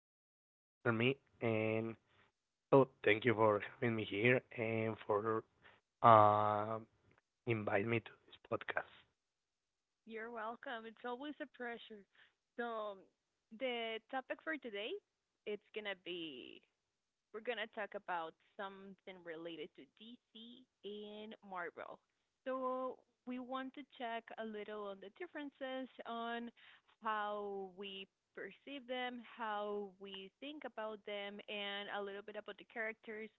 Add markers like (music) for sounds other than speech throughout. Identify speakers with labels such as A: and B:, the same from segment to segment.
A: That you can understand me. And so, thank you for having me here and for uh, inviting me to this
B: you're welcome. It's always a pressure. So the topic for today, it's gonna be we're going to talk about something related to DC and Marvel. So we want to check a little on the differences on how we perceive them, how we think about them, and a little bit about the characters.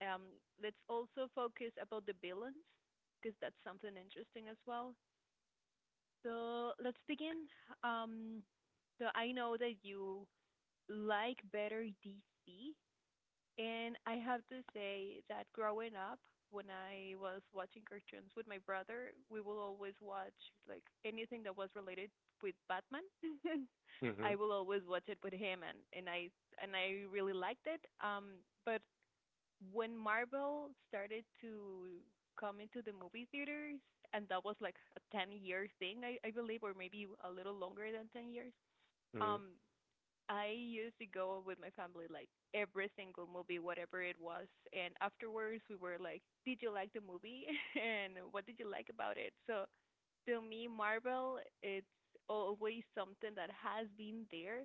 B: Um, let's also focus about the villains because that's something interesting as well. So let's begin. Um, so I know that you like better DC, and I have to say that growing up, when I was watching cartoons with my brother, we will always watch like anything that was related with Batman. (laughs)
A: podcast. Mm-hmm.
B: I will always watch it with him and I really liked it. But when Marvel started to come into the movie theaters, and that was like a 10-year thing, I believe, or maybe a little longer than 10 years.
A: Mm-hmm.
B: Um I used to go with my family like every single movie, whatever it was, and afterwards we were like, "Did you like the movie? (laughs) And what did you like about it?" So to me, Marvel, it's always something that has been there,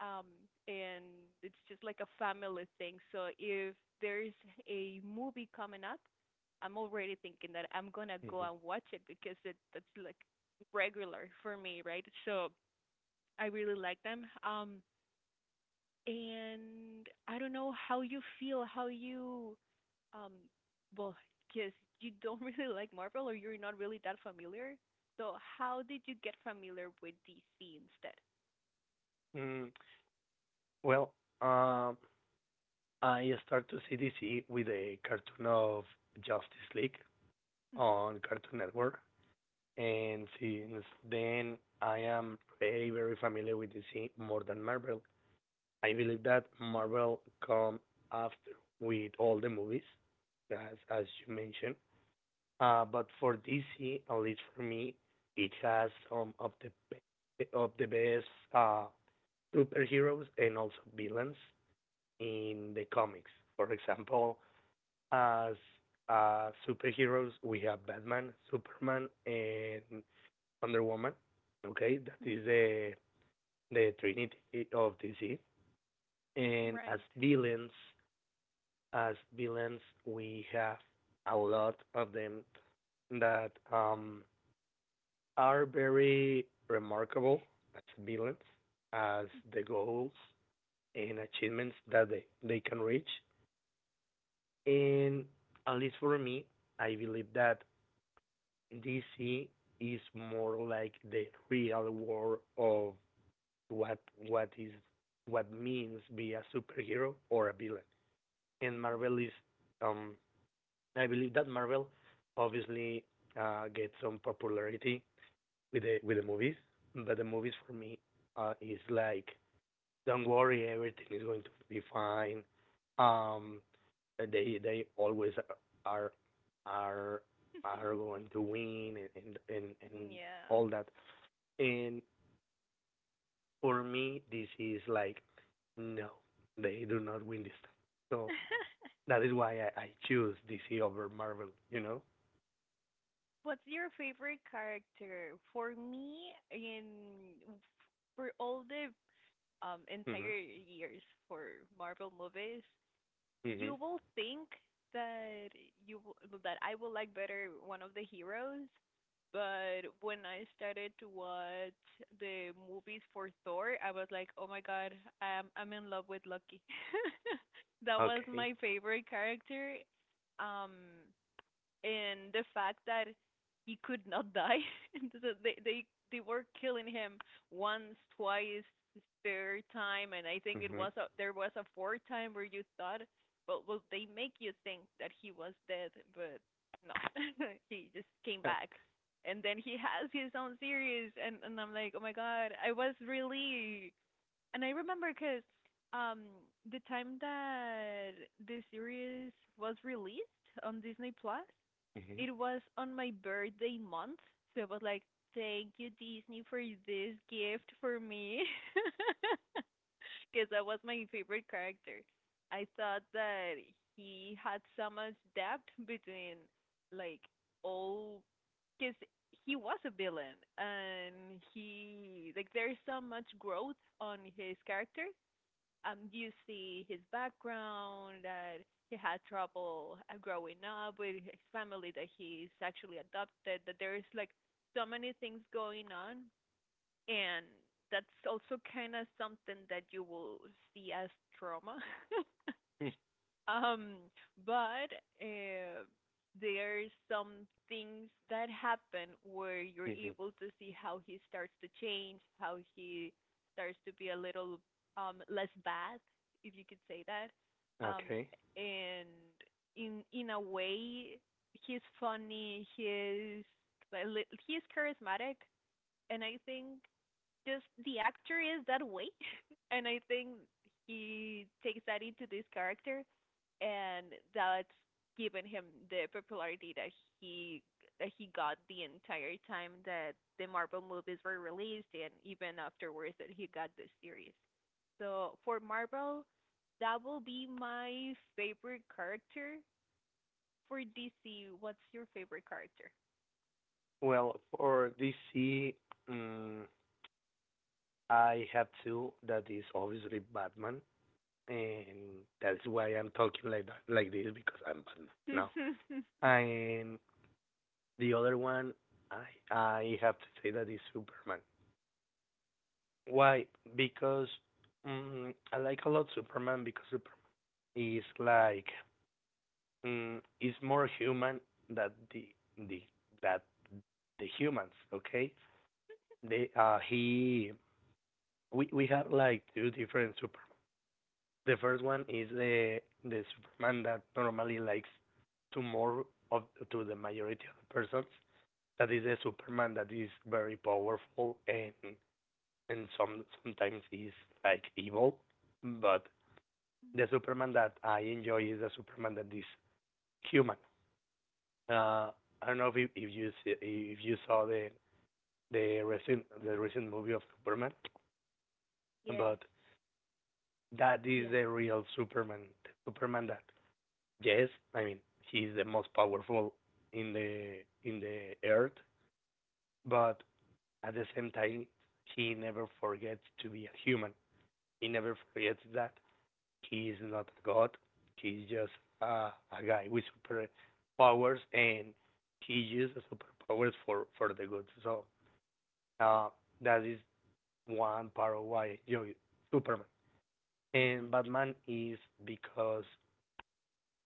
B: um, and it's just like a family thing. So if there's a movie coming up, I'm already thinking that I'm gonna go and watch it because it that's like regular for me, right? So I really like them. And I don't know how you feel, how you um well, because you don't (laughs) really like Marvel, or you're not really that familiar. So how did you get familiar with DC instead?
A: Mm-hmm. Well, um, I started to CDC with a cartoon of Justice League
B: Mhm.
A: on Cartoon Network. And since then, I am very, very familiar with DC more than Marvel. I believe that
B: Yes.
A: Marvel come after with all the movies, as you mentioned. But for DC, at least for me, it has some of the of the best uh, superheroes and also villains in the comics. For example, as superheroes, we have Batman, Superman, and Wonder Woman. Okay, that is
B: Mhm.
A: the Trinity of DC. And as
B: Right.
A: villains, as villains, we have a lot of them that are very remarkable as villains, as the goals and achievements that they can reach. And at least for me, I believe that DC is more like the real world of what what is what means be a superhero or a villain. And Marvel is um I believe that Marvel obviously gets some popularity with the movies, but the movies for me is like don't worry, everything is going to be fine. Um they always are are are
B: (laughs)
A: going to win and
B: Yeah.
A: all that. And for me, this is like, no, they do not win this time. So
B: (laughs)
A: that is why I choose DC over Marvel, you know?
B: What's your favorite character? For me, in for all the
A: Mhm.
B: entire years for Marvel movies,
A: Mhm.
B: you will think that you will, that I will like better one of the heroes, but when I started to watch the movies for Thor, I was like, "Oh my God, I'm in love with Loki." (laughs) That was
A: Okay.
B: my favorite character. Um, in the fact that he could not die. (laughs) So they were killing him once, twice, third time, and I think it
A: Hmm.
B: was a there was a fourth time where you thought, well, they make you think that he was dead, but no, (laughs) he just came back. And then he has his own series, and I'm like, oh my God, I was really, and I remember because um the time that the series was released on Disney Plus,
A: Mhm.
B: it was on my birthday month, so it was like, "Thank you, Disney, for this gift for me," (laughs) because that was my favorite character. I thought that he had so much depth between like all, because he was a villain and he like there's so much growth on his character. You see his background, that he had trouble growing up with his family, that he's actually adopted, that there is like so many things going on, and that's also kind of something that you will see as trauma. (laughs)
A: Mhm.
B: Um, but uh, there are some things that happen where you're
A: Mhm. (laughs)
B: able to see how he starts to change, how he starts to be a little less bad, if you could say that. Um,
A: Okay.
B: and in a way, he's funny. He's charismatic, and I think just the actor is that way (laughs) and I think he takes that into this character, and that's given him the popularity he that he got the entire time that the Marvel movies were released, and even afterwards that he got the series. So for Marvel, that will be my favorite character. For DC, what's your favorite character?
A: Well, for DC, mm, I have two. That is obviously Batman, and that's why I'm talking like that, like this, because I'm Batman now.
B: (laughs)
A: And the other one, I I have to say that is Superman. Why? Because I like a lot Superman because Superman is like, is more human than the that the humans. Okay, they he we had like two different Superman. The first one is the Superman that normally likes to more of to the majority of the persons. That is a Superman that is very powerful and sometimes is like evil. But the Superman that I enjoy is the Superman that is human. Uh, I don't know if you, if you saw the recent movie of Superman,
B: Yes.
A: but that is
B: Yeah.
A: the real Superman. The Superman that, yes, I mean, he is the most powerful in the earth, but at the same time he never forgets to be a human. He never forgets that he is not a god. He's just a guy with superpowers, and he uses superpowers for the good. So uh, that is one part of why, Superman and Batman is because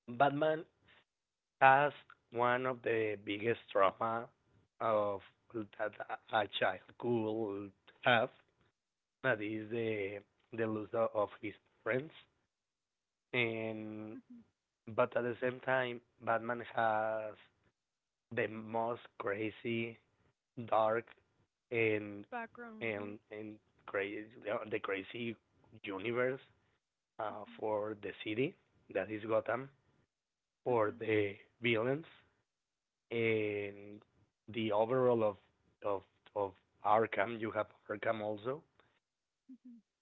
A: Batman has one of the biggest trauma of that a child could have. That is the loss of his friends, and,
B: (laughs)
A: but at the same time, Batman has the most crazy, dark, and
B: Background,
A: and
B: right?
A: and crazy crazy universe for the city that is Gotham, for
B: Mhm.
A: the villains and the overall of of of Arkham. You have Arkham also,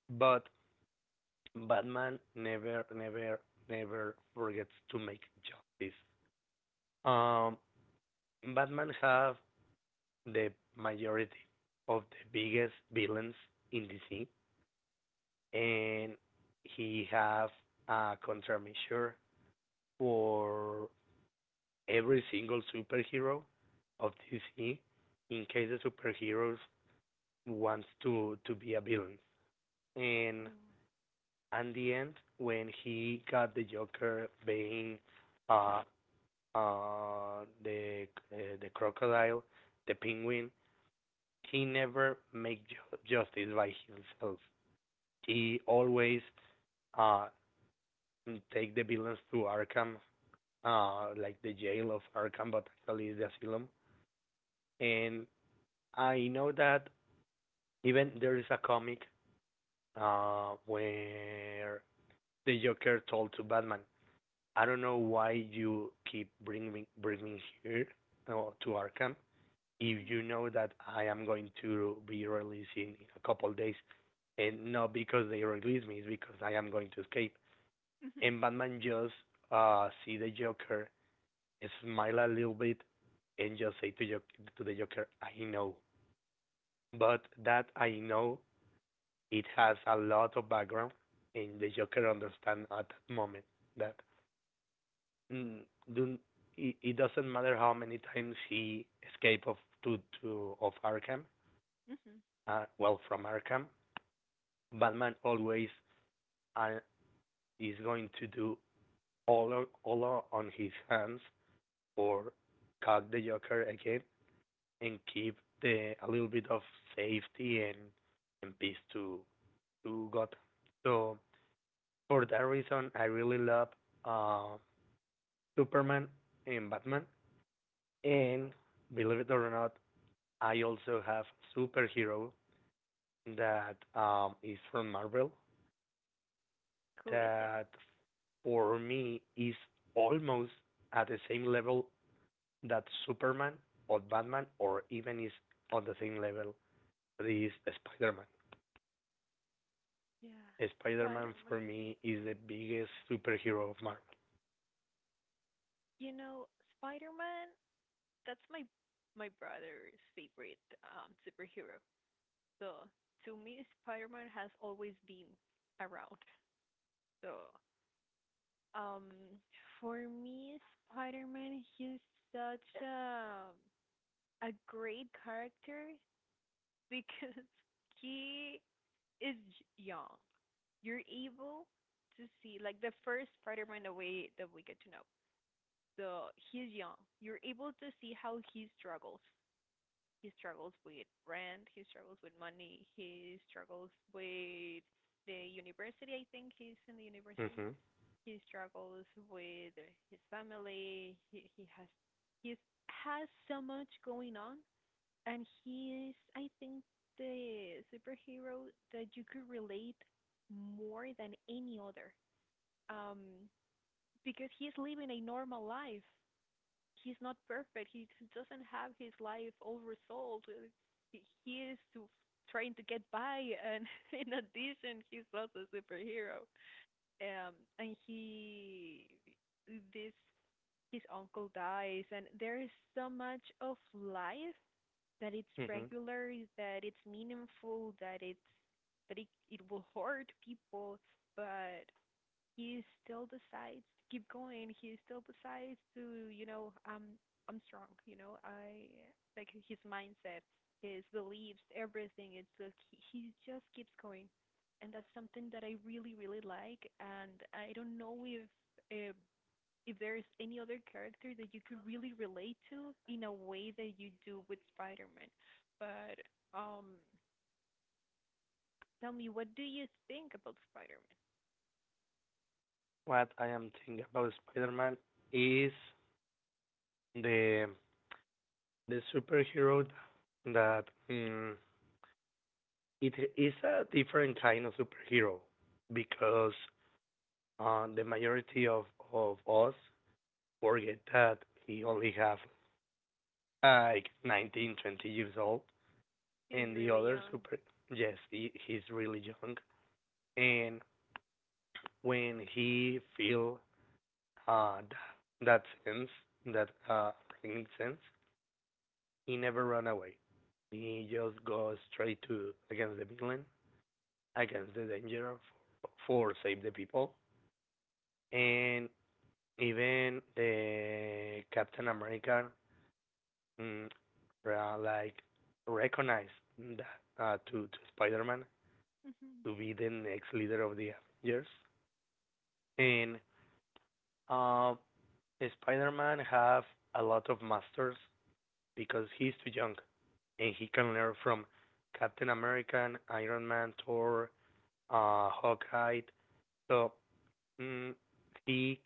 A: but Batman never forgets to make justice. Um, Batman have the majority of the biggest villains in DC, and he have a countermeasure for every single superhero of DC in case the superheroes wants to be a villain. And
B: Yeah.
A: at the end, when he got the Joker, Bane, uh, uh, the the crocodile, the penguin, he never make justice by himself. He always uh take the villains to Arkham, like the jail of Arkham, but actually it's the asylum. And I know that even there is a comic where the Joker told to Batman, "I don't know why you keep bringing me here to Arkham, if
B: Mhm.
A: you know that I am going to be released a couple of days, and not because they release me, it's because I am going to escape."
B: Mhm.
A: And Batman just see the Joker, smile a little bit, and just say to the Joker, "I know." But that "I know" it has a lot of background, and the Joker understand at that moment that, mm, do it doesn't matter how many times he escape of to of Arkham,
B: Mhm.
A: well, from Arkham, Batman always uh, is going to do all all on his hands or cut the Joker again and keep the a little bit of safety and peace to Gotham. So for that reason, I really love, uh, Superman and Batman. And believe it or not, I also have superhero that is from Marvel,
B: Who is it?
A: that for me is almost at the same level that Superman or Batman, or even is on the same level, that is Spider-Man.
B: Yeah.
A: Spider-Man for
B: Spider-Man.
A: me is the biggest superhero of Marvel.
B: You know, Spider-Man, that's my brother's favorite superhero. So to me, Spider-Man has always been around. So um for me, Spider-Man, he's such a great character because (laughs) he is young. You're able to see like the first Spider-Man the way that we get to know. The He's young. You're able to see how he struggles. He struggles with rent. He struggles with money. He struggles with the university. I think he's in the university.
A: Mhm.
B: He struggles with his family. He has so much going on, and he is I think the superhero that you could relate more than any other, um, because he's living a normal life. He's not perfect. He doesn't have his life all resolved. He is trying to get by, and (laughs) in addition, he's also a superhero. Um, and he, this, his uncle dies, and there is so much of life that it's
A: Mhm.
B: regular, that it's meaningful, that it's that it will hurt people, but he still decides to keep going. He still decides to, I'm strong. You know, I like his mindset, his beliefs, everything. It's like he just keeps going, and that's something that I really, really like. And I don't know uh, if there is any other character that you could really relate to in a way that you do with Spider-Man. But um, tell me, what do you think about Spider-Man?
A: What I am thinking about Spider-Man is the the superhero that, it is a different kind of superhero because, the majority of us forget that we only have like 19, 20 years old,
B: He's
A: and the
B: really
A: other
B: young.
A: super yes, he's really young, and when he feel, Uh, that sense, that pregnant sense, he never run away. He just goes straight to against the villain, against the danger, for, for save the people, and even the Captain America, mm, like recognized that to Spider-Man to be the next leader of the Avengers, and uh, Spider-Man have a lot of masters because he's too young. And he can learn from Captain America, Iron Man, Thor, Hawkeye. So, mm, he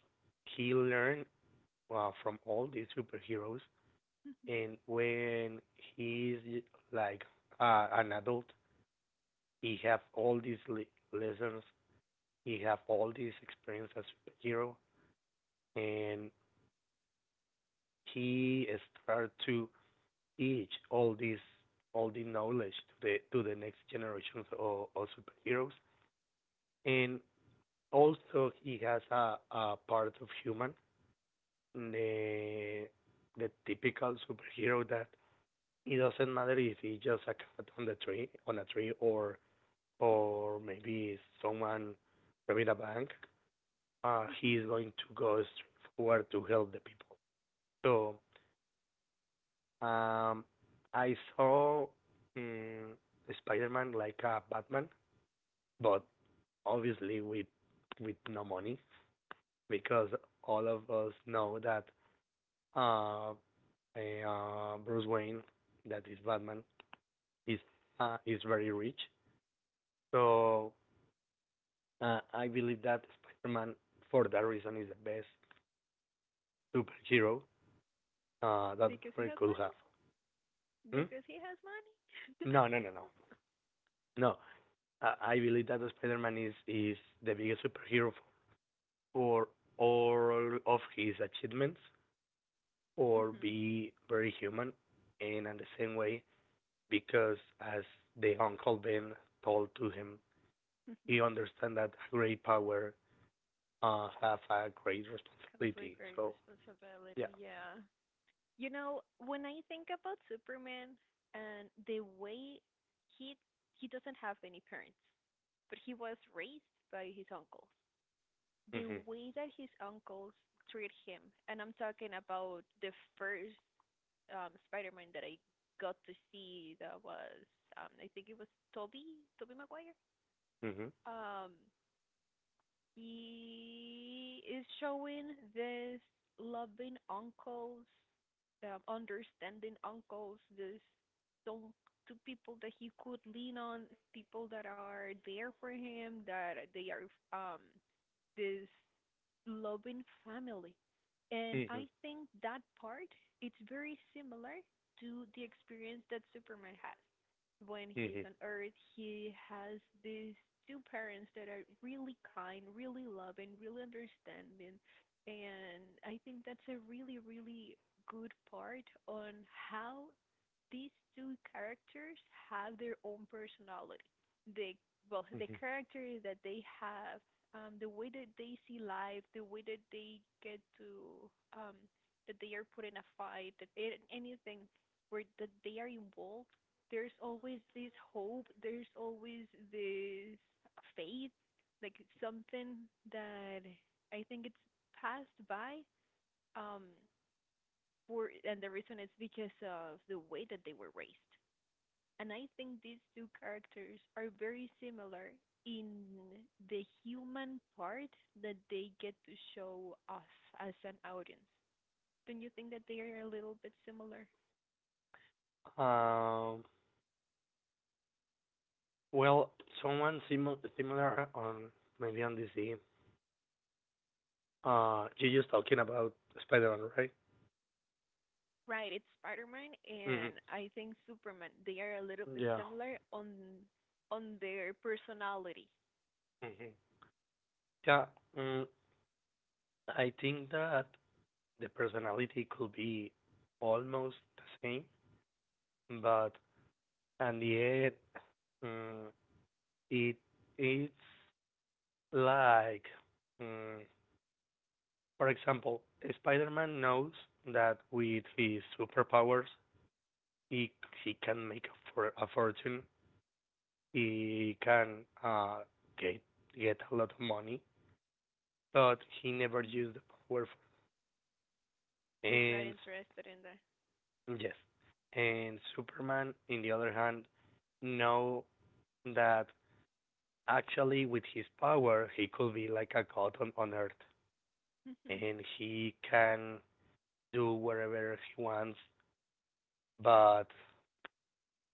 A: he learned from all these superheroes, and when he's like an adult, he have all these lessons, he have all these experience as superhero, and he start to teach all the knowledge to the next generations of, superheroes. And also he has a part of human, the the typical superhero, that it doesn't matter if he's just a cat on the tree on a tree or maybe someone robbing a bank, he is
B: (laughs)
A: going to go straight forward to help the people. So um I saw, um, Spider-Man like a Batman, but obviously with no money, because all of us know that, uh, Bruce Wayne, that is Batman, is is very rich. So I believe that Spider-Man, for that reason, is the best superhero that
B: Because he
A: Marvel
B: has
A: could have.
B: money.
A: Hmm?
B: Because he has money. (laughs)
A: No, no, no, no, no. I believe that Spider-Man is the biggest superhero for all of his achievements, or
B: Mhm.
A: be very human, and in the same way, because, as the Uncle Ben told to him, he understands that great power have a great
B: Comes with
A: responsibility.
B: great
A: So yeah.
B: responsibility, yeah. You know, when I think about Superman and the way he he doesn't have any parents, but he was raised by his uncles. The
A: Mhm.
B: way that his uncles treat him, and I'm talking about the first Spider-Man that I got to see, that was I think it was Tobey Maguire.
A: Mhm.
B: Um He is showing this loving uncles, understanding uncles, this some to people that he could lean on, people that are there for him, that they are um this loving family. And
A: Mhm.
B: I think that part, it's very similar to the experience that Superman had when he's
A: Mhm.
B: on Earth. He has these two parents that are really kind, really loving, really understanding. And I think that's a really, really good part on how these two characters have their own personality. They, well, the
A: Mhm.
B: characters that they have, the way that they see life, the way that they get to, that they are put in a fight, that anything where that they are involved, there's always this hope, there's always this faith, like it's something that I think it's passed by. Um, for and the reason is because of the way that they were raised, and I think these two characters are very similar in the human part that they get to show us as an audience. Don't you think that they are a little bit similar?
A: Um, well, someone similar on maybe on DC. You just talking about Spider-Man, right?
B: Right, it's Spider-Man,
A: Mhm.
B: and I think Superman. They are a little bit
A: Yeah.
B: similar on their personality.
A: Mhm. Yeah. Mm, I think that the personality could be almost the same, but in the end, mm, it it's like, mm, for example, Spider-Man knows that with his superpowers, he, can make a fortune. He can get get a lot of money, but he never
B: Mm.
A: used the power.
B: He's not
A: And
B: interested in that.
A: yes, and Superman, in the other hand, know that actually with his power he could be like a god on, Earth,
B: (laughs)
A: and he can do whatever he wants. But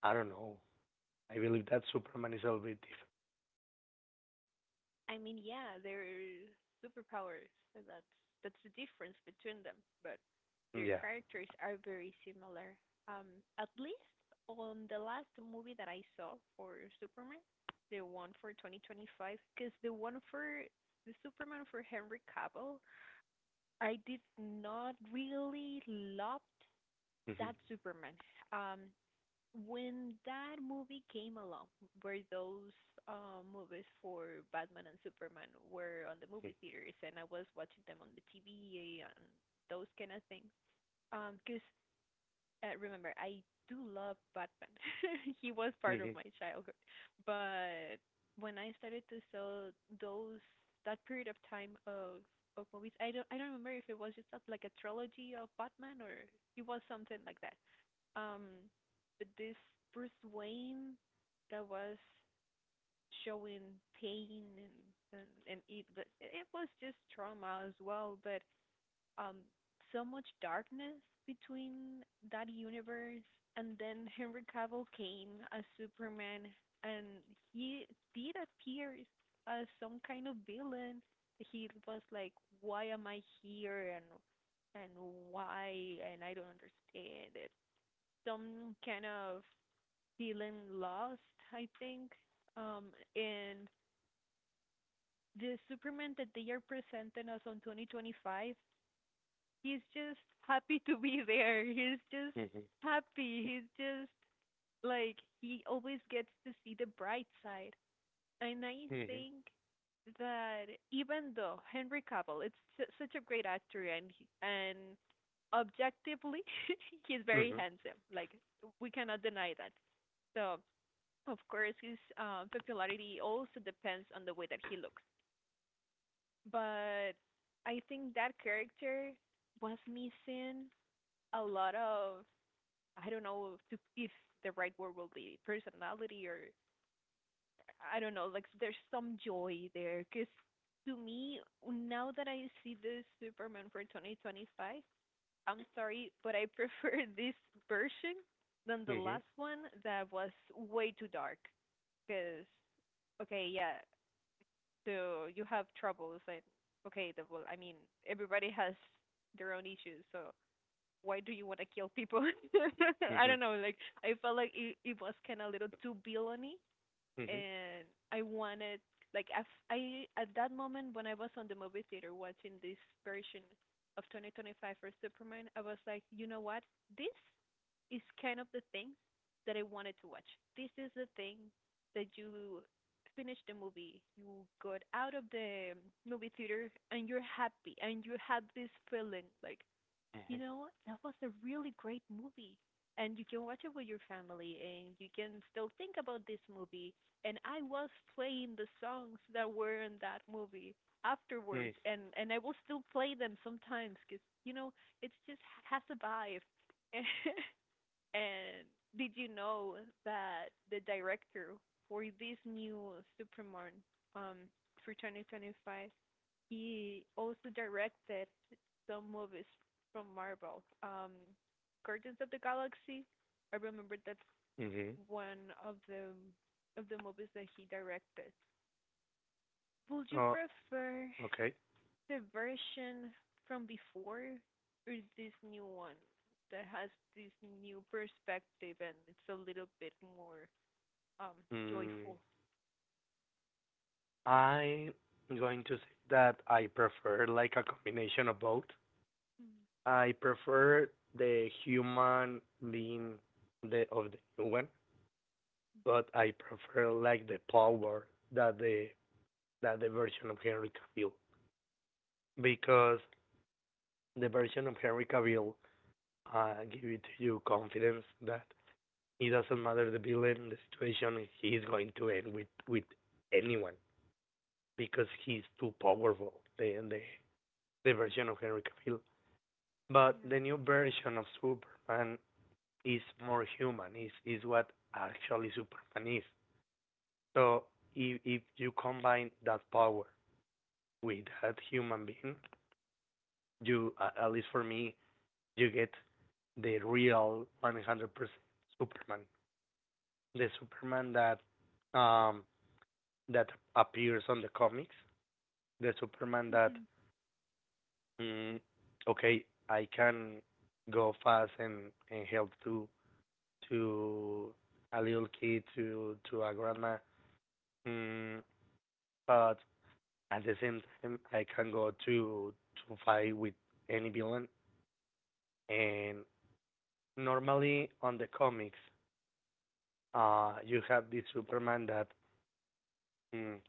A: I don't know. I believe that Superman is a little bit different.
B: I mean, yeah, they're superpowers. So that's the difference between them. But their
A: Yeah.
B: characters are very similar. Um, at least on the last movie that I saw for Superman, the one for 2025, because the one for the Superman for Henry Cavill, I did not really loved
A: Mhm.
B: that Superman. Um, when that movie came along, where those movies for Batman and Superman were on the
A: Mhm.
B: movie theaters, and I was watching them on the TV and those kind of things. 'Cause remember, I do love Batman. (laughs) He was part of
A: Mhm.
B: my childhood, but when I started to saw those, that period of time of movies, I don't remember if it was just like a trilogy of Batman, or it was something like that. Um, but this Bruce Wayne that was showing pain but it was just trauma as well. But um, so much darkness between that universe, and then Henry Cavill came as Superman, and he did appear as some kind of villain. He was like, "Why am I here?" And and I don't understand, some kind of feeling lost, I think. And the Superman that they are presenting us on 2025, he's just happy to be there. He's just
A: Mhm.
B: happy. He's just like he always gets to see the bright side. And I
A: Mhm.
B: think that even though Henry Cavill, it's such a great actor, and objectively, (laughs) he's very
A: Mhm.
B: handsome. Like we cannot deny that. So, of course, his popularity also depends on the way that he looks. But I think that character was missing a lot of I don't know if, the right word will be personality, or I don't know. Like there's some joy there because to me now that I see this Superman for 2025, I'm sorry, but I (laughs) prefer this version than the
A: Mhm.
B: last one that was way too dark. Because okay, yeah, so you have troubles and okay the well I mean everybody has their own issues, so why do you want to kill people? (laughs) I
A: Mhm.
B: don't know, like I felt like it was kind of a little too villainy. And I wanted, like I at that moment when I was on the movie theater watching this version of 2025 for Superman, I was like, you know what, this is kind of the things that I wanted to watch. This is the thing that you finish the movie, you got out of the movie theater and you're happy and you had this feeling like, that was a really great movie. And you can watch it with your family and you can still think about this movie. And I was playing the songs that were in that movie
A: Mhm.
B: afterwards,
A: Mhm.
B: and I will still play them sometimes, cuz it's just has a vibe. (laughs) And did you know that the director for this new Superman um for 2025, he also directed some movies from Marvel. Guardians of the Galaxy. I remember that's
A: Mhm.
B: one of the movies that he directed. Would you
A: Uh,
B: prefer
A: okay.
B: the version from before or this new one that has this new perspective and it's a little bit more um
A: Mm,
B: joyful?
A: I'm going to say that I prefer like a combination of both.
B: Mm,
A: I prefer the human being, the, of the new one, but I prefer like the power that the version of Henry Cavill, because the version of Henry Cavill, give it to you confidence that it doesn't matter the villain, the situation, he is going to end with anyone because he's too powerful. The version of Henry Cavill. But
B: yeah.
A: the new version of Superman is more human. Is, what actually Superman is. So if, you combine that power with that human being, you, at least for me, you get the real 100% Superman. The Superman that, um that appears on the comics, the Superman that,
B: Mm-hmm.
A: mm, okay, I can go fast and, help to, to a little kid, to, a grandma, mm, but at the same time I can go to, fight with any villain. And normally on the comics, you have this Superman that, mm,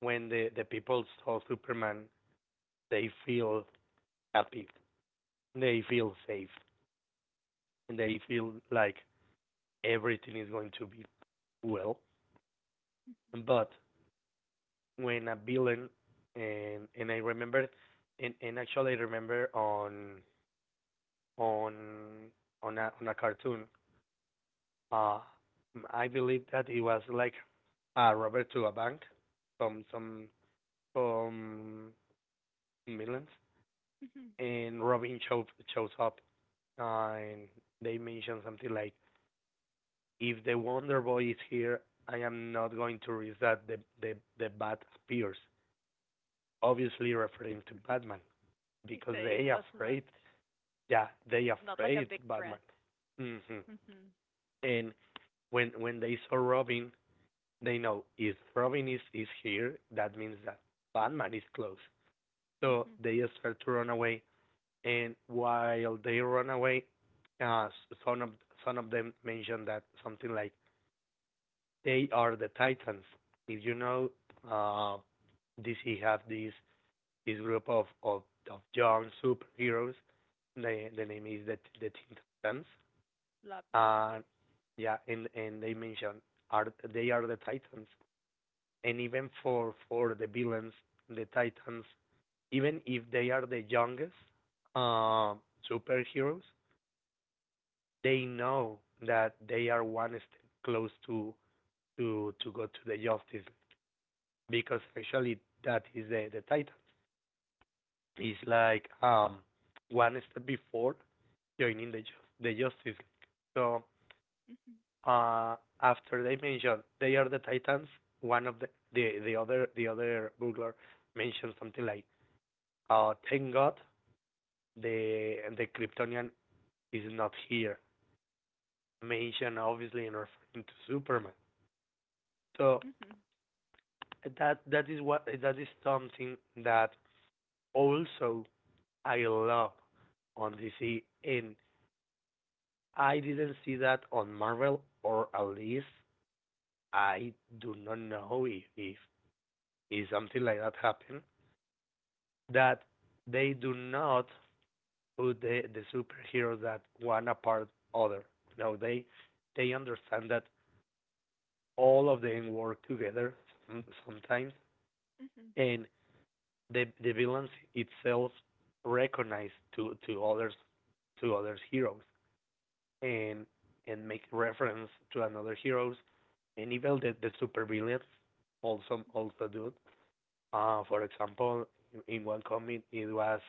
A: when the people saw Superman, they feel happy. They feel safe and they
B: Yeah.
A: feel like everything is going to be well. But when a villain and actually I remember on on a cartoon uh I believe that it was like a robber to a bank some some some millions,
B: Mm-hmm.
A: and Robin shows up. And they mention something like, if the Wonder Boy is here, I am not going to risk that the bat appears. Obviously referring to Batman because
B: So it
A: they
B: was
A: afraid. Yeah, they
B: not like a
A: afraid
B: big
A: Batman.
B: threat.
A: Hmm.
B: Mhm.
A: And when they saw Robin, they know if Robin is here, that means that Batman is close. So
B: Mhm.
A: they start to run away. And while they run away, uh, some of some of them mentioned that something like, they are the Titans. If you know, uh, DC have this group of young superheroes. The name is the Teen Titans.
B: Love them.
A: And
B: Yes.
A: yeah, and they mention are they are the Titans. And even for the villains, the Titans, even if they are the youngest, uh, superheroes, they know that they are one step close to to go to the Justice, because actually that is the title. It's like one step before joining the Justice League. So
B: Mhm.
A: uh, after they mention they are the Titans, one of the other burglar mentioned something like, "Thank God the Kryptonian is not here." Mention obviously in referring to Superman. So
B: Mhm.
A: that is what, that is something that also I love on DC, and I didn't see that on Marvel. Or at least I do not know if something like that happened, that they do not put the superheroes that one apart other. No, they understand that all of them work together sometimes,
B: Mhm.
A: and the villains itself recognize to others, to others heroes, and and make reference to another heroes. And even that the super villains also do. For example, in one comic it was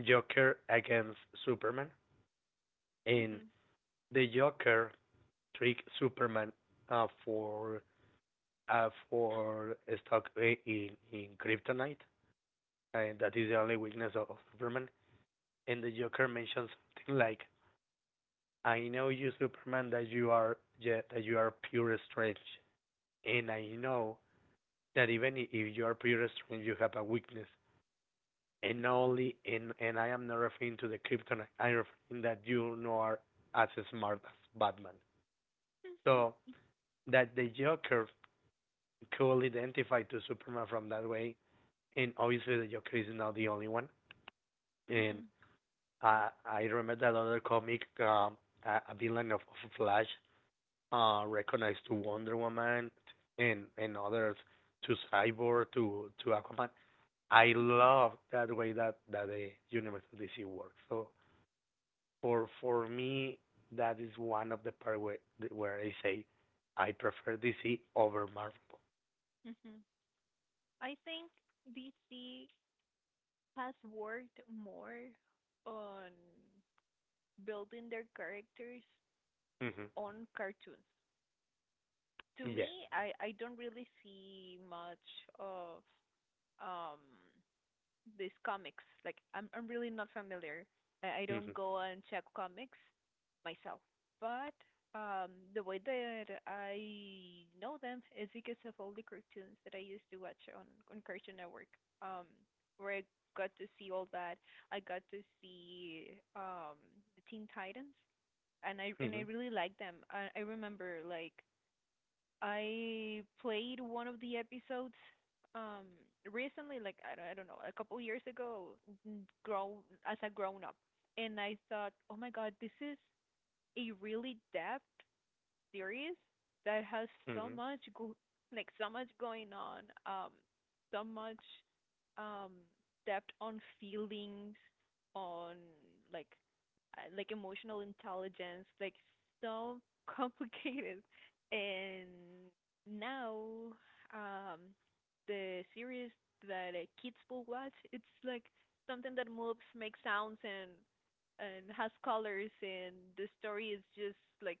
A: Joker against Superman, and
B: Mhm.
A: the Joker tricked Superman, uh, for for stuck in Kryptonite, and that is the only weakness of Superman. And the Joker mentions something like, "I know you, Superman, that you are yeah, that you are pure strange, and I know that even if you are pure strange, you have a weakness," and
B: Mhm.
A: only and I am not referring to the kryptonite. I'm referring that you know are as smart as Batman.
B: Mhm.
A: So that the Joker could identify to Superman from that way, and obviously the Joker is not the only one. And I remember that other comic, a villain of Flash, recognized to Wonder Woman, and others to Cyborg, to Aquaman. I
B: Mhm.
A: love that way that that the universe of DC works. So for me, that is one of the part where I say I prefer DC over Marvel.
B: Mhm. I think DC has worked more on building their characters
A: Mhm.
B: on cartoons. To
A: Yeah.
B: me, I don't really see much of um these comics. Like I'm really not familiar. I don't
A: Mhm.
B: go and check comics myself. But the way that I know them is because of all the cartoons that I used to watch on Cartoon Network. Um, where I got to see all that. I got to see Teen Titans, and I
A: Mhm.
B: really like them. I remember like I played one of the episodes um recently, like I don't know, a couple years ago, grown, as a grown up, and I thought, oh my god, this is a really depth series that has so
A: Mhm.
B: much like so much going on, so much um depth on feelings on like like emotional intelligence, like so (laughs) complicated. And now um the series that kids will watch, it's like something that moves, makes sounds, and has colors, and the story is just like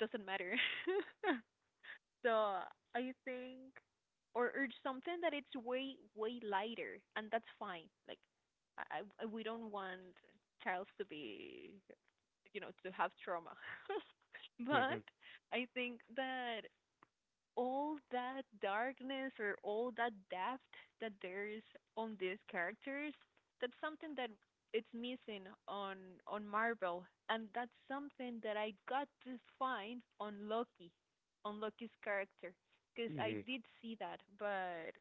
B: doesn't matter. (laughs) So I think, or urge something that it's way, way lighter, and that's fine. Like, I we don't want child to be, you know, to have trauma. (laughs) But
A: Mhm.
B: I think that all that darkness or all that depth that there is on these characters, that's something that it's missing on Marvel, and that's something that I got to find on Loki, on Loki's character, because I
A: Mhm.
B: did see that. But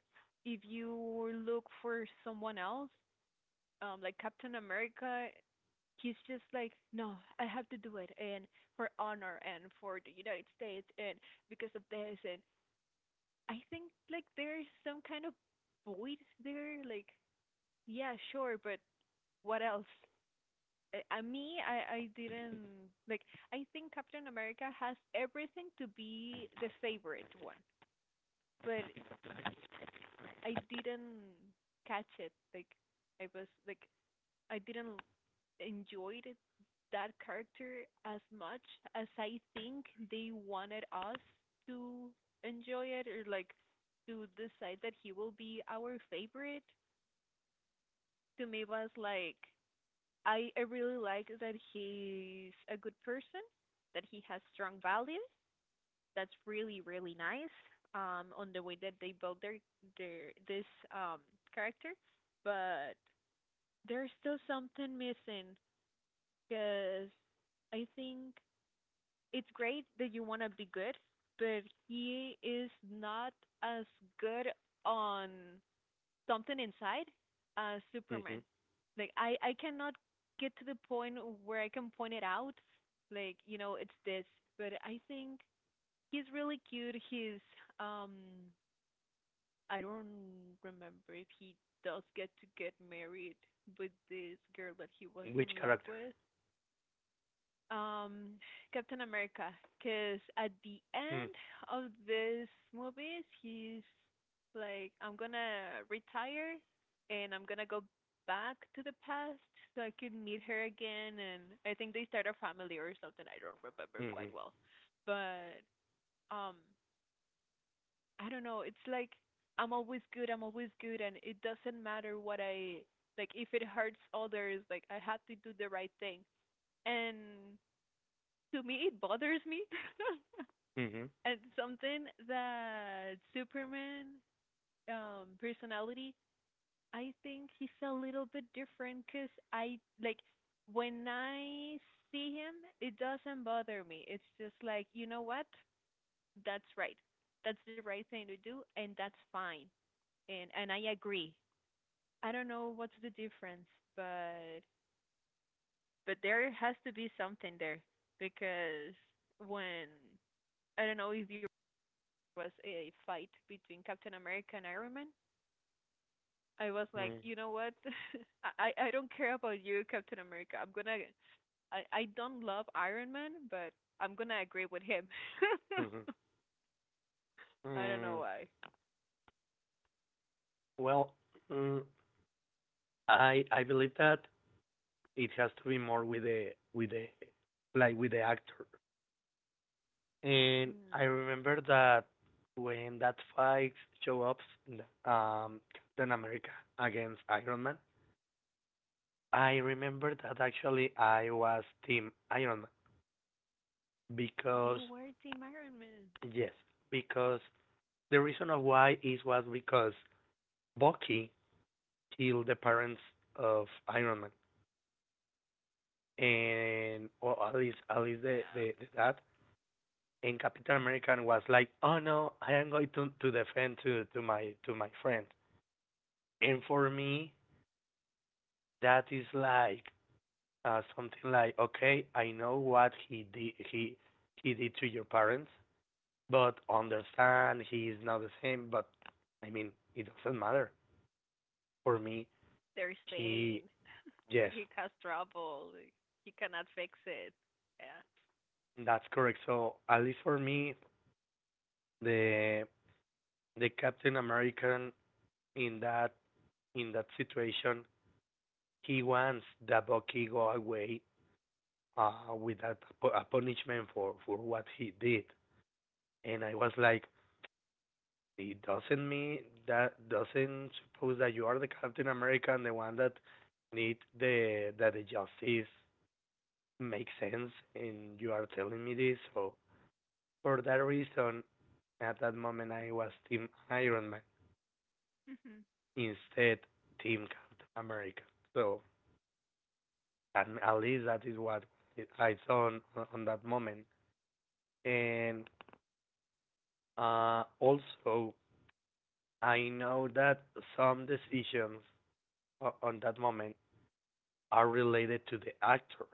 B: if you look for someone else, like Captain America, he's just like, no, I have to do it, and for honor, and for the United States, and because of this. And I think like there's some kind of void there. Like, yeah, sure, but what else? I didn't like. I think Captain America has everything to be the favorite one, but I didn't catch it. Like, I was like, I didn't enjoy it, that character, as much as I think they wanted us to enjoy it, or like to decide that he will be our favorite. To me was like I really like that he's a good person, that he has strong values. That's really, really nice on the way that they build their this um character. But there's still something missing, because I think it's great that you want to be good, but he is not as good on something inside Superman.
A: Mhm.
B: Like I cannot get to the point where I can point it out. Like, you know, it's this. But I think he's really cute. He's um I don't remember if he does get to get married with this girl that he was in
A: Which
B: love
A: character?
B: with. um Captain America, because at the
A: Mhm.
B: end of this movies he's like, I'm gonna retire, and I'm gonna go back to the past so I could meet her again, and I think they start a family or something, I don't remember quite
A: Mhm.
B: well. But um I don't know, it's like, I'm always good, I'm always good, and it doesn't matter what I, like if it hurts others, like I have to do the right thing. And to me it bothers me. (laughs)
A: Mhm.
B: And something that Superman, personality, I think he's a little bit different, because I like when I see him it doesn't bother me. It's just like, you know what, that's right, that's the right thing to do, and that's fine. And I agree. I don't know what's the difference, but there has to be something there. Because when, I don't know if you, was a fight between Captain America and Iron Man, I was like,
A: Mhm.
B: you know what? (laughs) I don't care about you, Captain America. I'm gonna, I don't love Iron Man, but I'm gonna agree with him.
A: Mhm.
B: (laughs) I don't know
A: Mm.
B: why.
A: Well, mm, I believe that it has to be more with the like with the actor. And I
B: Hmm.
A: remember that when that fight show up, Captain America against Iron Man, I remember that actually I was Team Iron Man, because
B: You were Team Iron Man.
A: yes, because the reason of why is was because Bucky killed the parents of Iron Man, and or at least
B: Yeah.
A: the dad. And Captain America was like, "Oh no, I am going to defend to my to my friend." And for me, that is like, something like, okay, I know what he did, he did to your parents, but understand he is not the same. But I mean, it doesn't matter for me.
B: There's pain.
A: He yes,
B: He caused trouble. He cannot fix it. Yeah.
A: that's correct. So at least for me, the the Captain American in that situation, he wants that Bucky go away, with that, a punishment for what he did. And I was like, it doesn't mean, that doesn't suppose that you are the Captain America and the one that need the that the justice makes sense, and you are telling me this. So for that reason, at that moment I was team Iron Man
B: Mhm.
A: instead team Captain America. So, and at least that is what I saw on that moment. And also I know that some decisions on that moment are related to the actor.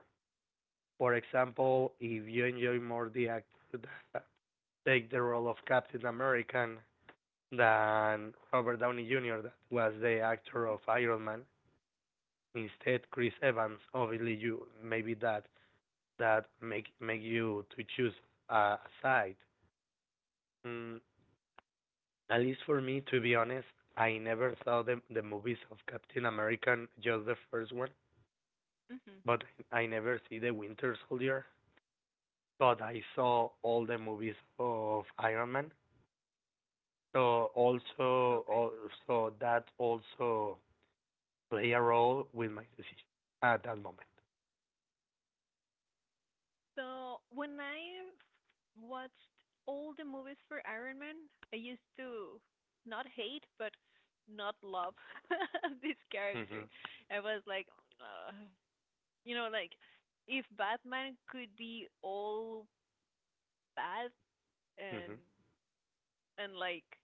A: For example, if you enjoy more the actor that take the role of Captain America than Robert Downey Jr. that was the actor of Iron Man, instead Chris Evans, obviously you maybe that that make you to choose a side. Mm, at least for me, to be honest, I never saw the movies of Captain America, just the first one,
B: Mhm.
A: but I never see the Winter Soldier. God, I saw all the movies of Iron Man. So also,
B: Okay.
A: so that also play a role with my decision at that moment.
B: So when I watched all the movies for Iron Man, I used to not hate but not love (laughs) this character.
A: Mhm.
B: I was like, ugh, you know, like if Batman could be all bad, and
A: Mhm.
B: like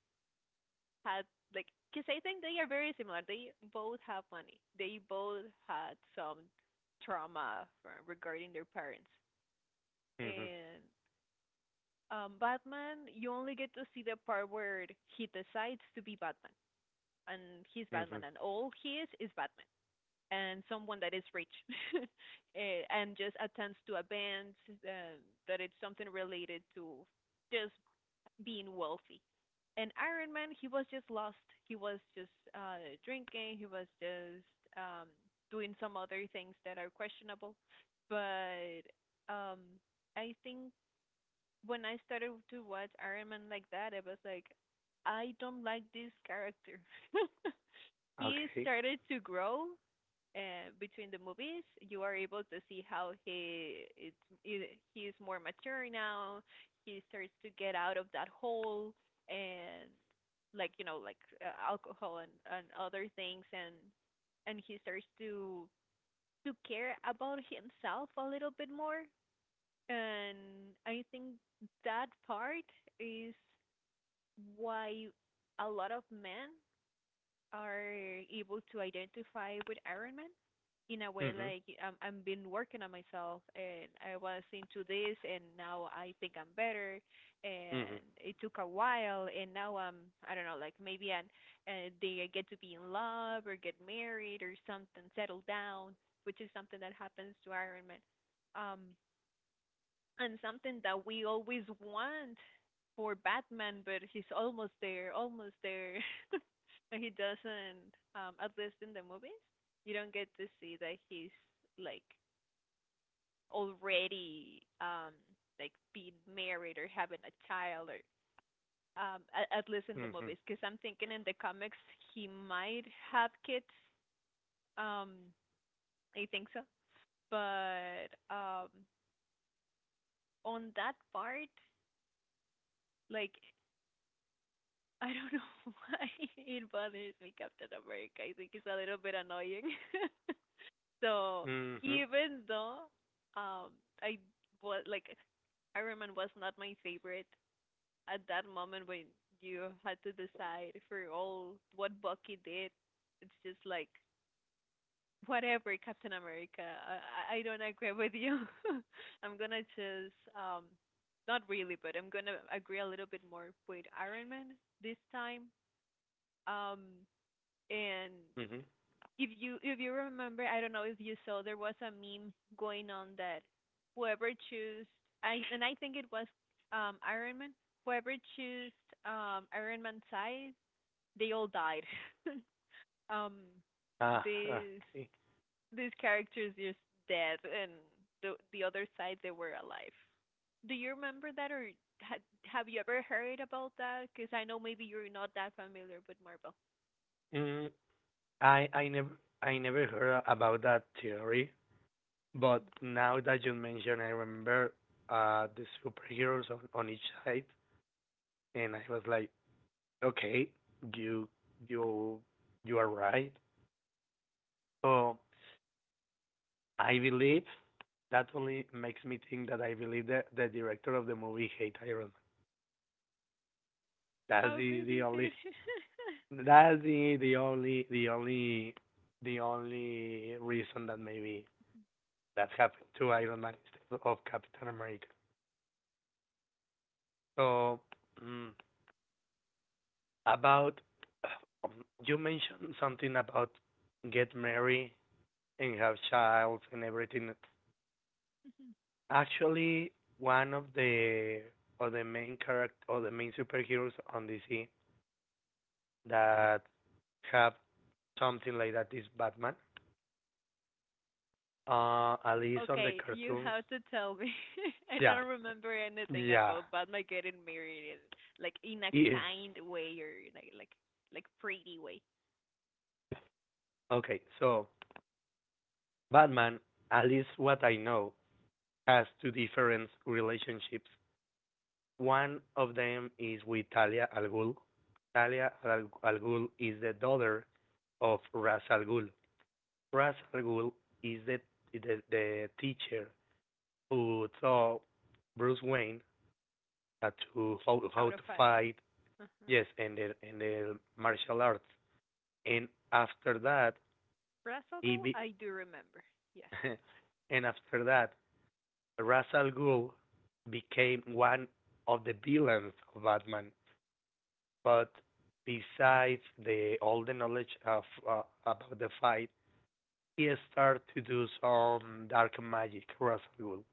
B: had like, because I think they are very similar. They both have money. They both had some trauma from, regarding their parents,
A: Mhm.
B: and Batman, you only get to see the part where he decides to be Batman, and he's Batman,
A: Mhm.
B: and all he is Batman, and someone that is rich, (laughs) eh, and just attends to events uh, that it's something related to just being wealthy. And Iron Man, he was just lost. He was just drinking. He was just um, doing some other things that are questionable. But um, I think when I started to watch Iron Man like that, I was like, I don't like this character. (laughs) He
A: Okay.
B: started to grow between the movies. You are able to see how he is more mature now. He starts to get out of that hole, and like, you know, like alcohol and other things, and he starts to care about himself a little bit more. And I think that part is why a lot of men are able to identify with Iron Man, in a way
A: Mhm.
B: like, I'm, I've been working on myself and I was into this and now I think I'm better,
A: Mhm.
B: and it took a while, and now I'm, I don't know, like maybe I they get to be in love or get married or something, settle down, which is something that happens to Iron Man, um and something that we always want for Batman, but he's almost there, almost there. (laughs) But he doesn't. At least in the movies, you don't get to see that he's like already like being married or having a child, or at least in the
A: Mhm.
B: movies, because I'm thinking in the comics he might have kids, um I think so. But on that part, like (laughs) I don't know (laughs) why it bothers me, Captain America. I think it's a little bit annoying. (laughs) So
A: Mhm.
B: even though um I was like Iron Man was not my favorite, at that moment when you had to decide for all what Bucky did, it's just like, whatever, Captain America. I don't agree with you. (laughs) I'm gonna choose not really, but I'm gonna agree a little bit more with Iron Man this time. Um And
A: Mhm.
B: if you remember, I don't know if you saw, there was a meme going on that whoever choose, I think it was Iron Man, whoever choose Iron Man side, they all died. (laughs) Um,
A: Ah,
B: these
A: okay.
B: these characters just dead, and the other side they were alive. Do you remember that or have you ever heard about that? Because I know maybe you're not that familiar with Marvel.
A: Mm, I I never I never heard about that theory, but
B: (laughs)
A: now that you mention, I remember the superheroes on each side, and I was like, okay, you you you are right. So I believe that only makes me think that I believe that the director of the movie hate Iron Man. That's
B: How
A: the
B: complicated.
A: only, that's the only reason that maybe that happened to Iron Man instead of Captain America. So mm, about um, you mentioned something about get married and have child and everything,
B: (laughs)
A: actually one of the main character, or the main superheroes on DC that have something like that is Batman. At least on the
B: Okay, you
A: cartoons.
B: have to tell me. (laughs) I
A: Yeah,
B: don't remember anything
A: yeah.
B: about Batman getting married, in, like in a
A: Yeah.
B: kind way, or like pretty way.
A: Okay, so Batman, at least what I know, has two different relationships. One of them is with Talia Al Ghul. Talia Al Ghul is the daughter of Ras Al Ghul. Ra's al Ghul is the teacher who taught Bruce Wayne how to how
B: Out
A: to
B: of I.
A: fight,
B: Uh-huh.
A: yes, and the martial arts. And after that he
B: Brazogo,
A: be,
B: I do remember. Yeah.
A: (laughs) and after that Ra's al Ghul became one of the villains of Batman. But besides the all the knowledge of, about the fight, he started to do some dark magic Ra's al Ghul.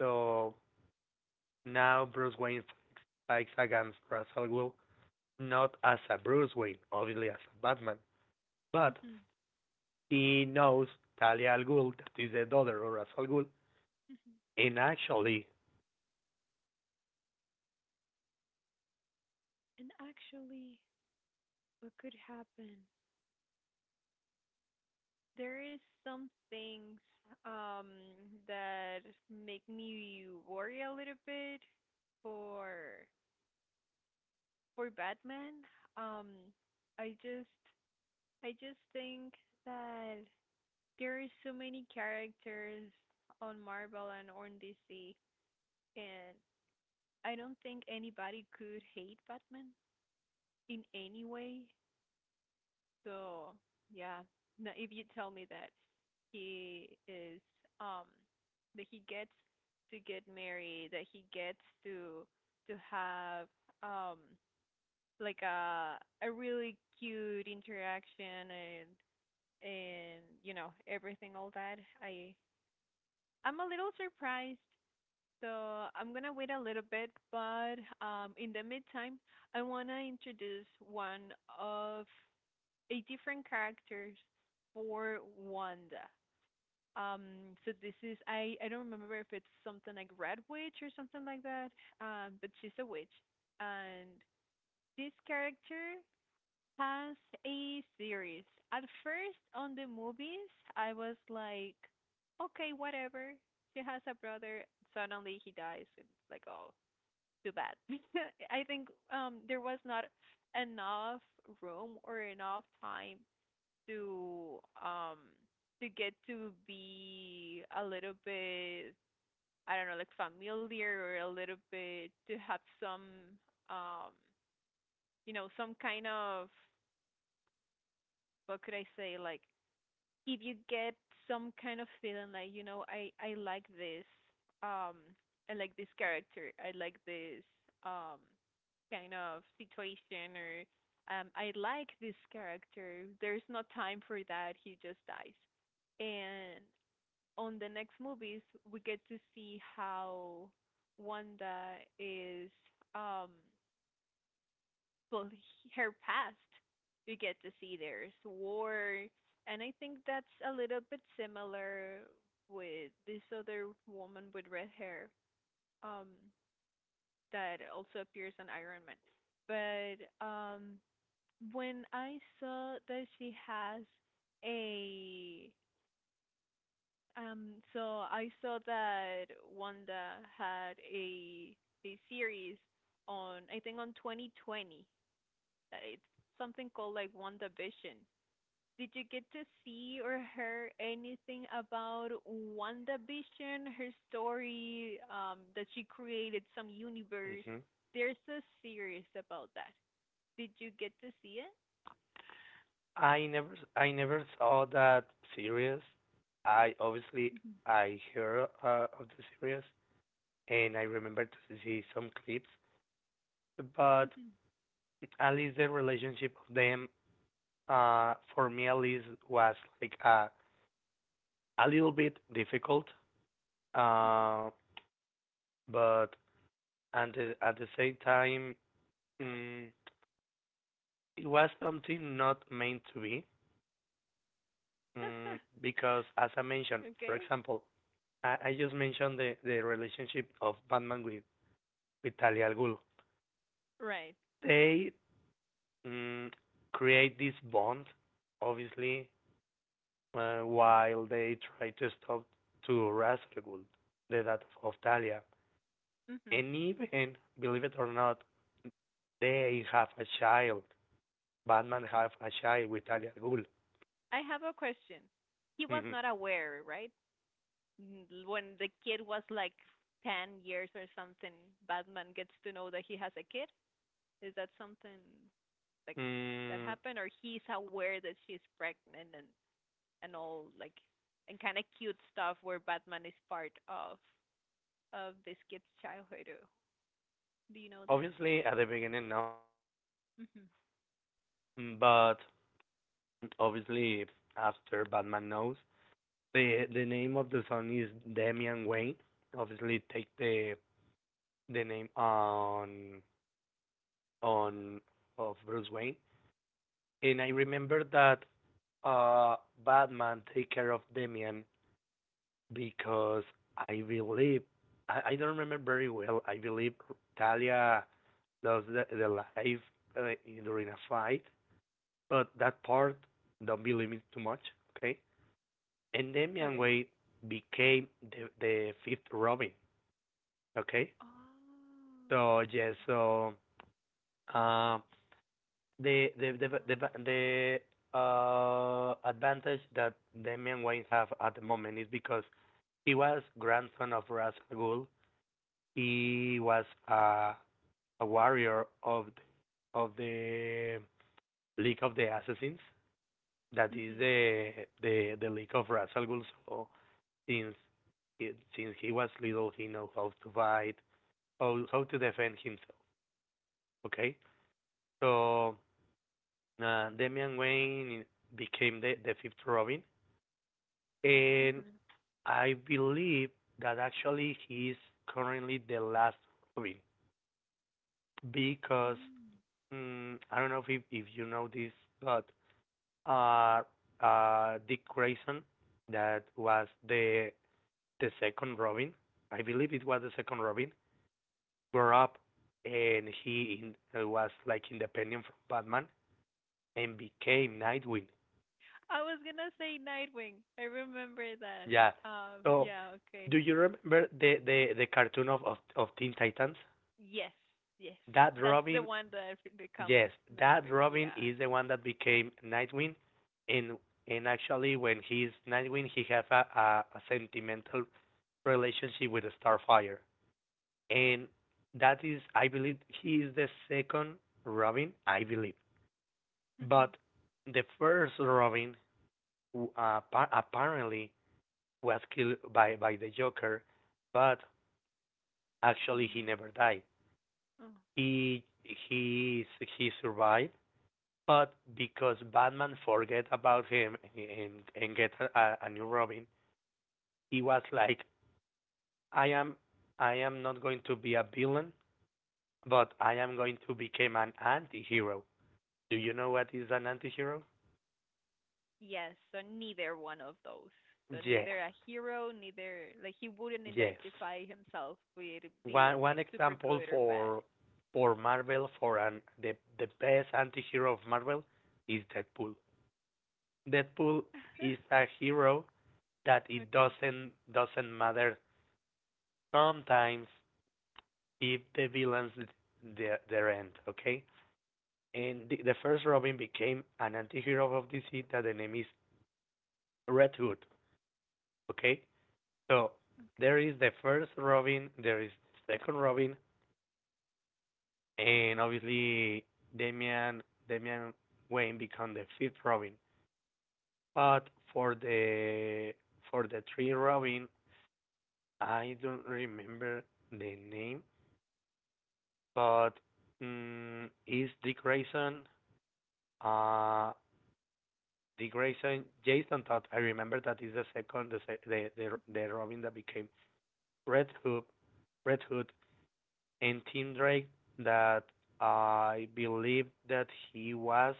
A: So now Bruce Wayne fights against Ra's al Ghul, not as
B: Mhm. Mhm. And actually, what could happen? There is some things um that make me worry a little bit for for Batman. um, I just I just think that there are so many characters on Marvel and on DC, and I don't think anybody could hate Batman in any way. So yeah, no, if you tell me that he is um that he gets to get married, that he gets to to have um like a really cute interaction and and everything, all that, I'm a little surprised, so I'm gonna wait a little bit. But in the meantime, I wanna introduce one of a different characters for Wanda. um so this is, I don't remember if it's something like Red Witch or something like that. But she's a witch, and this character has a series. At first, on the movies, I was like, okay, whatever. She has a brother. Suddenly, he dies, it's like, oh, too bad. (laughs) I think there was not enough room or enough time to um to get to be a little bit, I don't know, like familiar, or a little bit to have some, um some kind of, what could I say, like if you get some kind of feeling like, I like this, um I like this character, I like this, um kind of situation, or I like this character. There's no time for that, he just dies. And on the next movies, we get to see how Wanda is, um well, her (laughs) past. You get to see there's war, and I think that's a little bit similar with this other woman with red hair, um that also appears on Iron Man. But when I saw that she has a, so I saw that Wanda had a series on, I think on 2020, that it's something called like WandaVision. Did you get to see or hear anything about WandaVision, her story, that she created some universe?
A: Mhm.
B: There's a series about that. Did you get to see it?
A: I never saw that series. I obviously
B: Mm-hmm.
A: I hear, of the series, and I remember to see some clips, but
B: Mm-hmm.
A: at least the relationship of them, for me at least was like, a little bit difficult, uh but and at the same time, mm, it was something not meant to be.
B: (laughs)
A: Because as I mentioned, for
B: Okay.
A: example, I just mentioned the relationship of Batman with Talia al Ghul.
B: Right.
A: They mm, create this bond, obviously, while they try to stop to Ra's al Ghul, the death of Talia.
B: Hmm.
A: And even, believe it or not, they have a child. Batman have a child with Talia al Ghul.
B: I have a question. He was
A: Mhm.
B: not aware, right? N- When the kid was like 10 years or something, Batman gets to know that he has a kid. Is that something like that
A: Mm,
B: happened, or he's aware that she's pregnant and all, like, and kind of cute stuff where Batman is part of this kid's childhood. Do- Do you know that?
A: obviously, at the beginning, no.
B: Mhm.
A: But obviously, after Batman knows, the name of the son is Damian Wayne. Obviously, take the name on on of Bruce Wayne. And I remember that uh Batman take care of Damian, because I believe, I don't remember very well. I believe Talia lost the life, uh, during a fight, but that part don't believe me too much. Okay, and Damian
B: Okay.
A: Wayne became the fifth Robin. Okay, so
B: Oh.
A: yes, so uh, the the the the,
B: God.
A: the advantage that Damian Wayne have at the moment is because he was grandson of Ras Al Ghul. He was a warrior of of the League of the Assassins. That is
B: Mhm.
A: the League of Ras Al Ghul. So since since he was little, he knows how to fight, how to defend himself. Okay, so Damian Wayne became the fifth Robin. And
B: Mhm.
A: I believe that actually he's currently the last Robin, because
B: Mm.
A: I don't know if you know this, but uh, Dick Grayson that was the second Robin, I believe it was the second Robin, grew up and he was like independent from Batman and became Nightwing.
B: I was gonna say Nightwing. I remember that.
A: Yeah. So,
B: Yeah. Okay.
A: do you remember the cartoon of Teen Titans?
B: Yes. Yes.
A: That
B: That's the
A: Robin,
B: one that becomes
A: yes, that
B: Nightwing.
A: Robin
B: Yeah.
A: is the one that became Nightwing. and and actually when he's Nightwing, he has a sentimental relationship with Starfire. And that is, I believe, he is the second Robin, I believe.
B: Mhm.
A: But the first Robin, apparently was killed by the Joker. But
B: Oh
A: actually, he
B: no.
A: never died.
B: Oh.
A: He he he survived. But because Batman forget about him and get a new Robin, he was like, I am I am not going to be a villain, but I am going to become an anti-hero. Do you know what is an anti-hero?
B: Yes, so neither one of those. So
A: Yes,
B: neither a hero, neither like, he wouldn't
A: yes.
B: identify himself with being
A: One
B: like super
A: example
B: good or bad.
A: for Marvel for an the best anti-hero of Marvel is Deadpool. Deadpool is
B: (laughs)
A: a hero that it
B: Okay.
A: doesn't matter sometimes if the villains their end, okay? And the first Robin became an antihero of DC that the name is Red Hood, okay? So there is
B: Okay.
A: the first Robin, there is the second Robin, and obviously Damian Damian Wayne become the fifth Robin. But for the for the three Robin, I don't remember the name. But is Dick Grayson, uh, Dick Grayson, Jason Todd? I remember that is the second, the se- the Robin that became Red Hood, Red Hood, and Tim Drake. That I believe that he was,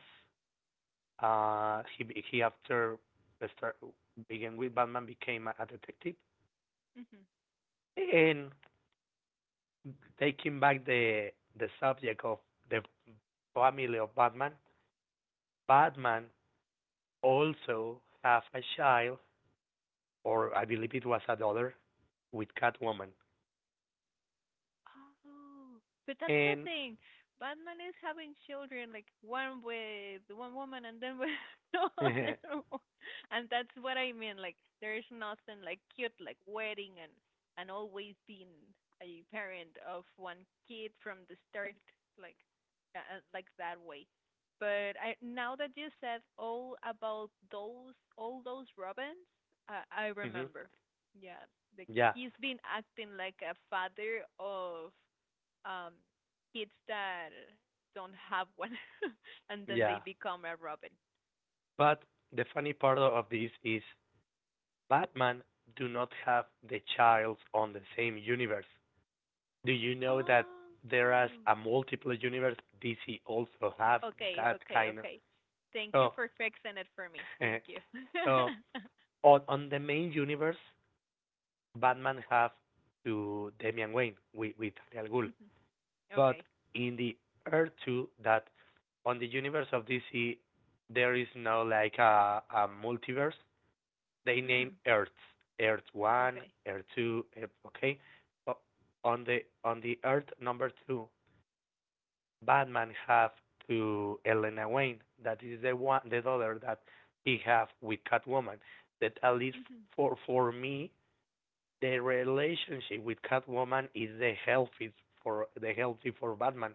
A: he after the start began with Batman became a detective
B: Mm-hmm.
A: and taking back the subject of the family of Batman. Batman also have a child, or I believe it was a daughter, with Catwoman.
B: Oh, but that's the
A: And
B: thing. Batman is having children, like one with one woman and then with (laughs) another
A: (laughs)
B: one. And that's what I mean. Like, there is nothing like cute, like wedding and always being a parent of one kid from the start, like like that way. But I now that you said all about those robins, I
A: hmm
B: remember. Yeah, like
A: yeah,
B: he's been acting like a father of um kids that don't have one (laughs) and then they
A: yeah.
B: become a Robin.
A: But the funny part of this is Batman do not have the childs on the same universe. Do you know that
B: Oh.
A: there is a multiple universe? DC also have
B: Okay,
A: that
B: okay,
A: kind of.
B: okay. Thank you
A: So,
B: for fixing it for me.
A: (laughs) uh,
B: Thank you.
A: so
B: (laughs)
A: on the main universe, Batman have to Damian Wayne with Al Ghul.
B: Mhm.
A: But
B: Okay.
A: in the air Two, that on the universe of DC there is no like a multiverse. They name
B: Mhm.
A: Earths, Earth One,
B: Okay.
A: Earth Two. Earth, okay, so on the on the Earth number two, Batman have to Elena Wayne. That is the one, the daughter that he have with Catwoman. That at
B: (laughs)
A: least
B: Mhm.
A: for me, the relationship with Catwoman is the healthy for Batman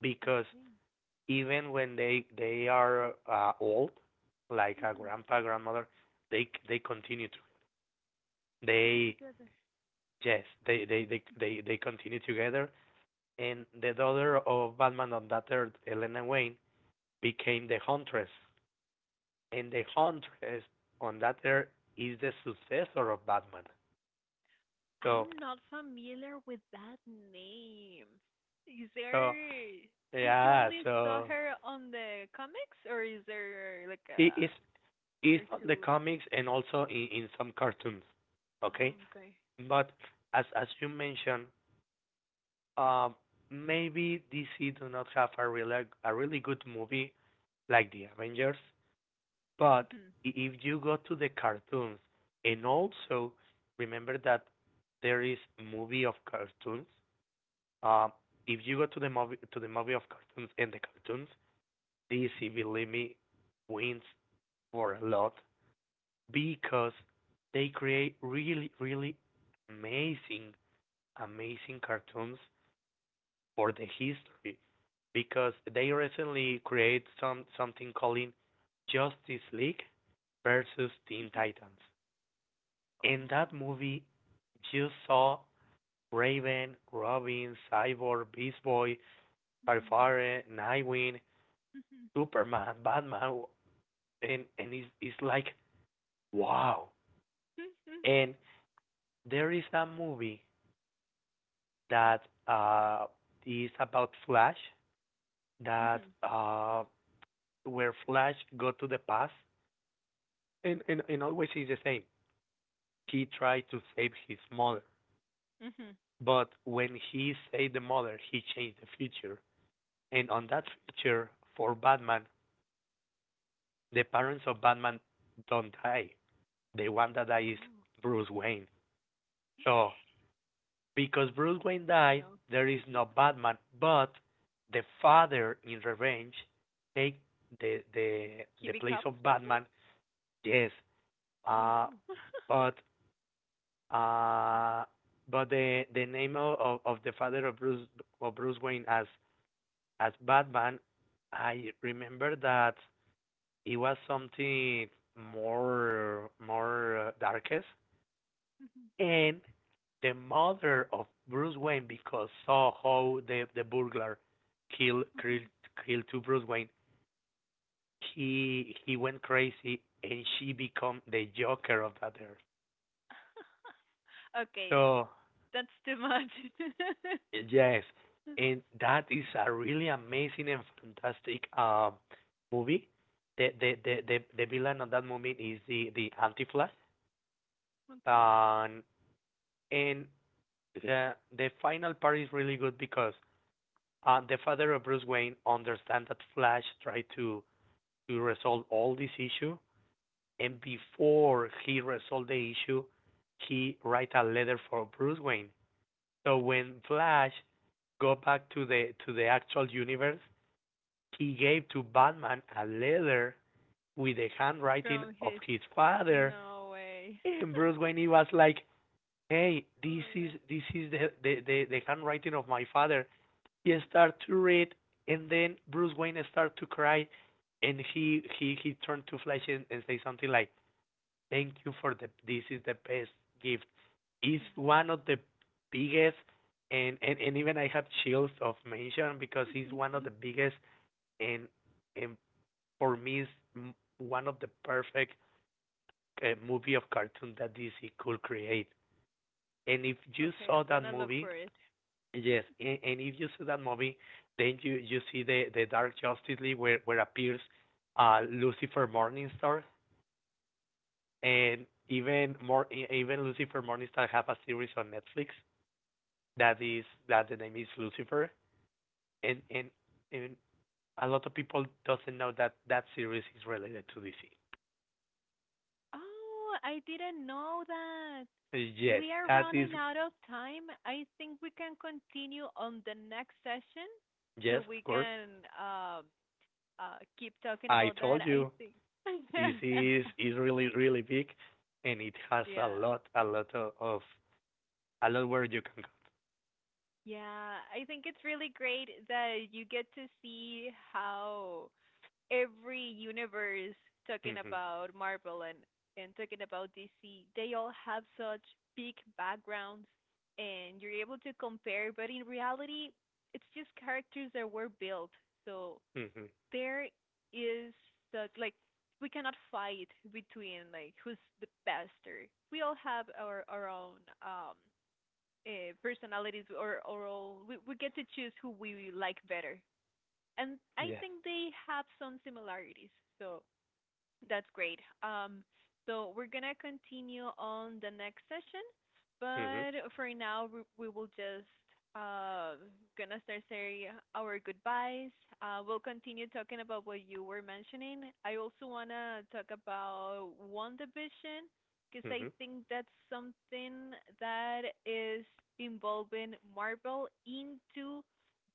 A: because
B: Okay.
A: even when they are old, like a
B: Mhm.
A: grandpa, grandmother, they continue to
B: To be
A: they
B: together.
A: yes, they continue together. And the daughter of Batman on that earth, Elena Wayne, became the Huntress, and the Huntress on that earth is the successor of Batman. So
B: I'm not familiar with that name. Is
A: so
B: there, you
A: yeah,
B: only saw
A: so
B: her on the comics, or is there like
A: it is
B: a
A: is on the
B: cartoon or?
A: comics and also in some cartoons. Okay,
B: Oh, okay.
A: but as you mentioned, Um, maybe DC do not have a really good movie like the Avengers, but
B: Mhm.
A: if you go to the cartoons and also remember that there is movie of cartoons. Um, if you go to the movie of cartoons and the cartoons, DC, believe me, wins for a lot because they create really, really amazing, amazing cartoons for the history because they recently create something calling Justice League versus Teen
B: Mhm.
A: Titans. In that
B: Oh.
A: movie, you saw Raven, Robin, Cyborg, Beast Boy,
B: Mm.
A: Starfire, Nightwing,
B: Mhm.
A: Superman, (laughs) Batman, and it's like wow.
B: Mhm.
A: And there is a movie that uh is about Flash that
B: Mhm.
A: where Flash go to the past and and always is the same. He tried to save his mother,
B: Mhm.
A: but when he saved the mother, he changed the future. And on that future, for Batman, the parents of Batman don't die. The one that dies is
B: Oh.
A: Bruce Wayne. So, because Bruce Wayne
B: Oh
A: died,
B: no.
A: there is no Batman, but the father in revenge take the the
B: He
A: the place
B: becomes
A: of
B: Batman?
A: Batman. Yes,
B: Oh no.
A: uh, but
B: (laughs)
A: Uh, but the name of the father of Bruce Wayne as Batman, I remember that it was something more darkest,
B: Mhm.
A: and the mother of Bruce Wayne because saw how the burglar killed kill
B: Mhm.
A: kill to Bruce Wayne, he went crazy and she become the Joker of that earth.
B: (laughs) Okay,
A: So
B: that's too much.
A: Yes,
B: (laughs)
A: and that is a really amazing and fantastic movie. The the the
B: Mhm.
A: the, the villain of that movie is the Antiflash,
B: Okay.
A: um, and the final part is really good because the father of Bruce Wayne understands that Flash tried to resolve all this issue, and
B: Mhm.
A: before he resolved the issue, he write a letter for Bruce Wayne. So when Flash go back to the actual universe. He gave to Batman a letter with the handwriting
B: From
A: of
B: his,
A: his father,
B: no way.
A: and Bruce Wayne he was
B: (laughs)
A: like, "Hey,
B: Oh yeah.
A: this is the handwriting of my father." He started to read, and then Bruce Wayne started to cry, and he turned to Flash and say something like, "Thank you for the this is the best gift. It's one of the biggest." And, even I have chills of mention because it's one of
B: Yeah.
A: the
B: (laughs)
A: biggest, and and for me is one of the perfect movie of cartoon that DC could create. And if you
B: Okay,
A: saw
B: I'm
A: that
B: gonna look
A: movie,
B: for it.
A: yes, and if you see that movie, then you see the Dark Justice League where appears Lucifer Morningstar, and even more even Lucifer Morningstar have a series on Netflix that the name is Lucifer, and and and a lot of people doesn't know that that series is related to DC.
B: Oh, I didn't know that.
A: Yes,
B: We are
A: that is
B: running out of time. I think we can continue on the next session, so
A: yes, of
B: we
A: course.
B: can keep talking
A: I
B: about that,
A: told
B: I
A: you
B: think.
A: this
B: (laughs)
A: is really really big, and it has a
B: Yeah.
A: lot a lot of a lot where you can
B: Yeah, I think it's really great that you get to see how every universe,
A: go.
B: talking
A: Hmm.
B: about Marvel and talking about DC, they all have such big backgrounds, and you're able to compare. But in reality, it's just characters that were built. So
A: Hmm.
B: there is that, like we cannot fight between like who's the best, or we all have our own personalities, or we get to choose who we like better. And I
A: Yes.
B: think they have some similarities. So that's great. So we're gonna continue on the next session,
A: Hmm.
B: but for now we will just uh gonna start saying our goodbyes. We'll continue talking about what you were mentioning. I also wanna talk about one division, because I
A: Hmm.
B: think that's something that is involving Marvel into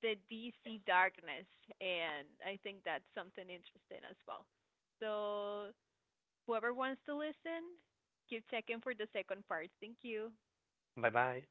B: the DC darkness, and I think that's something interesting as well. So whoever wants to listen, keep checking for the second part. Thank you.
A: Bye bye.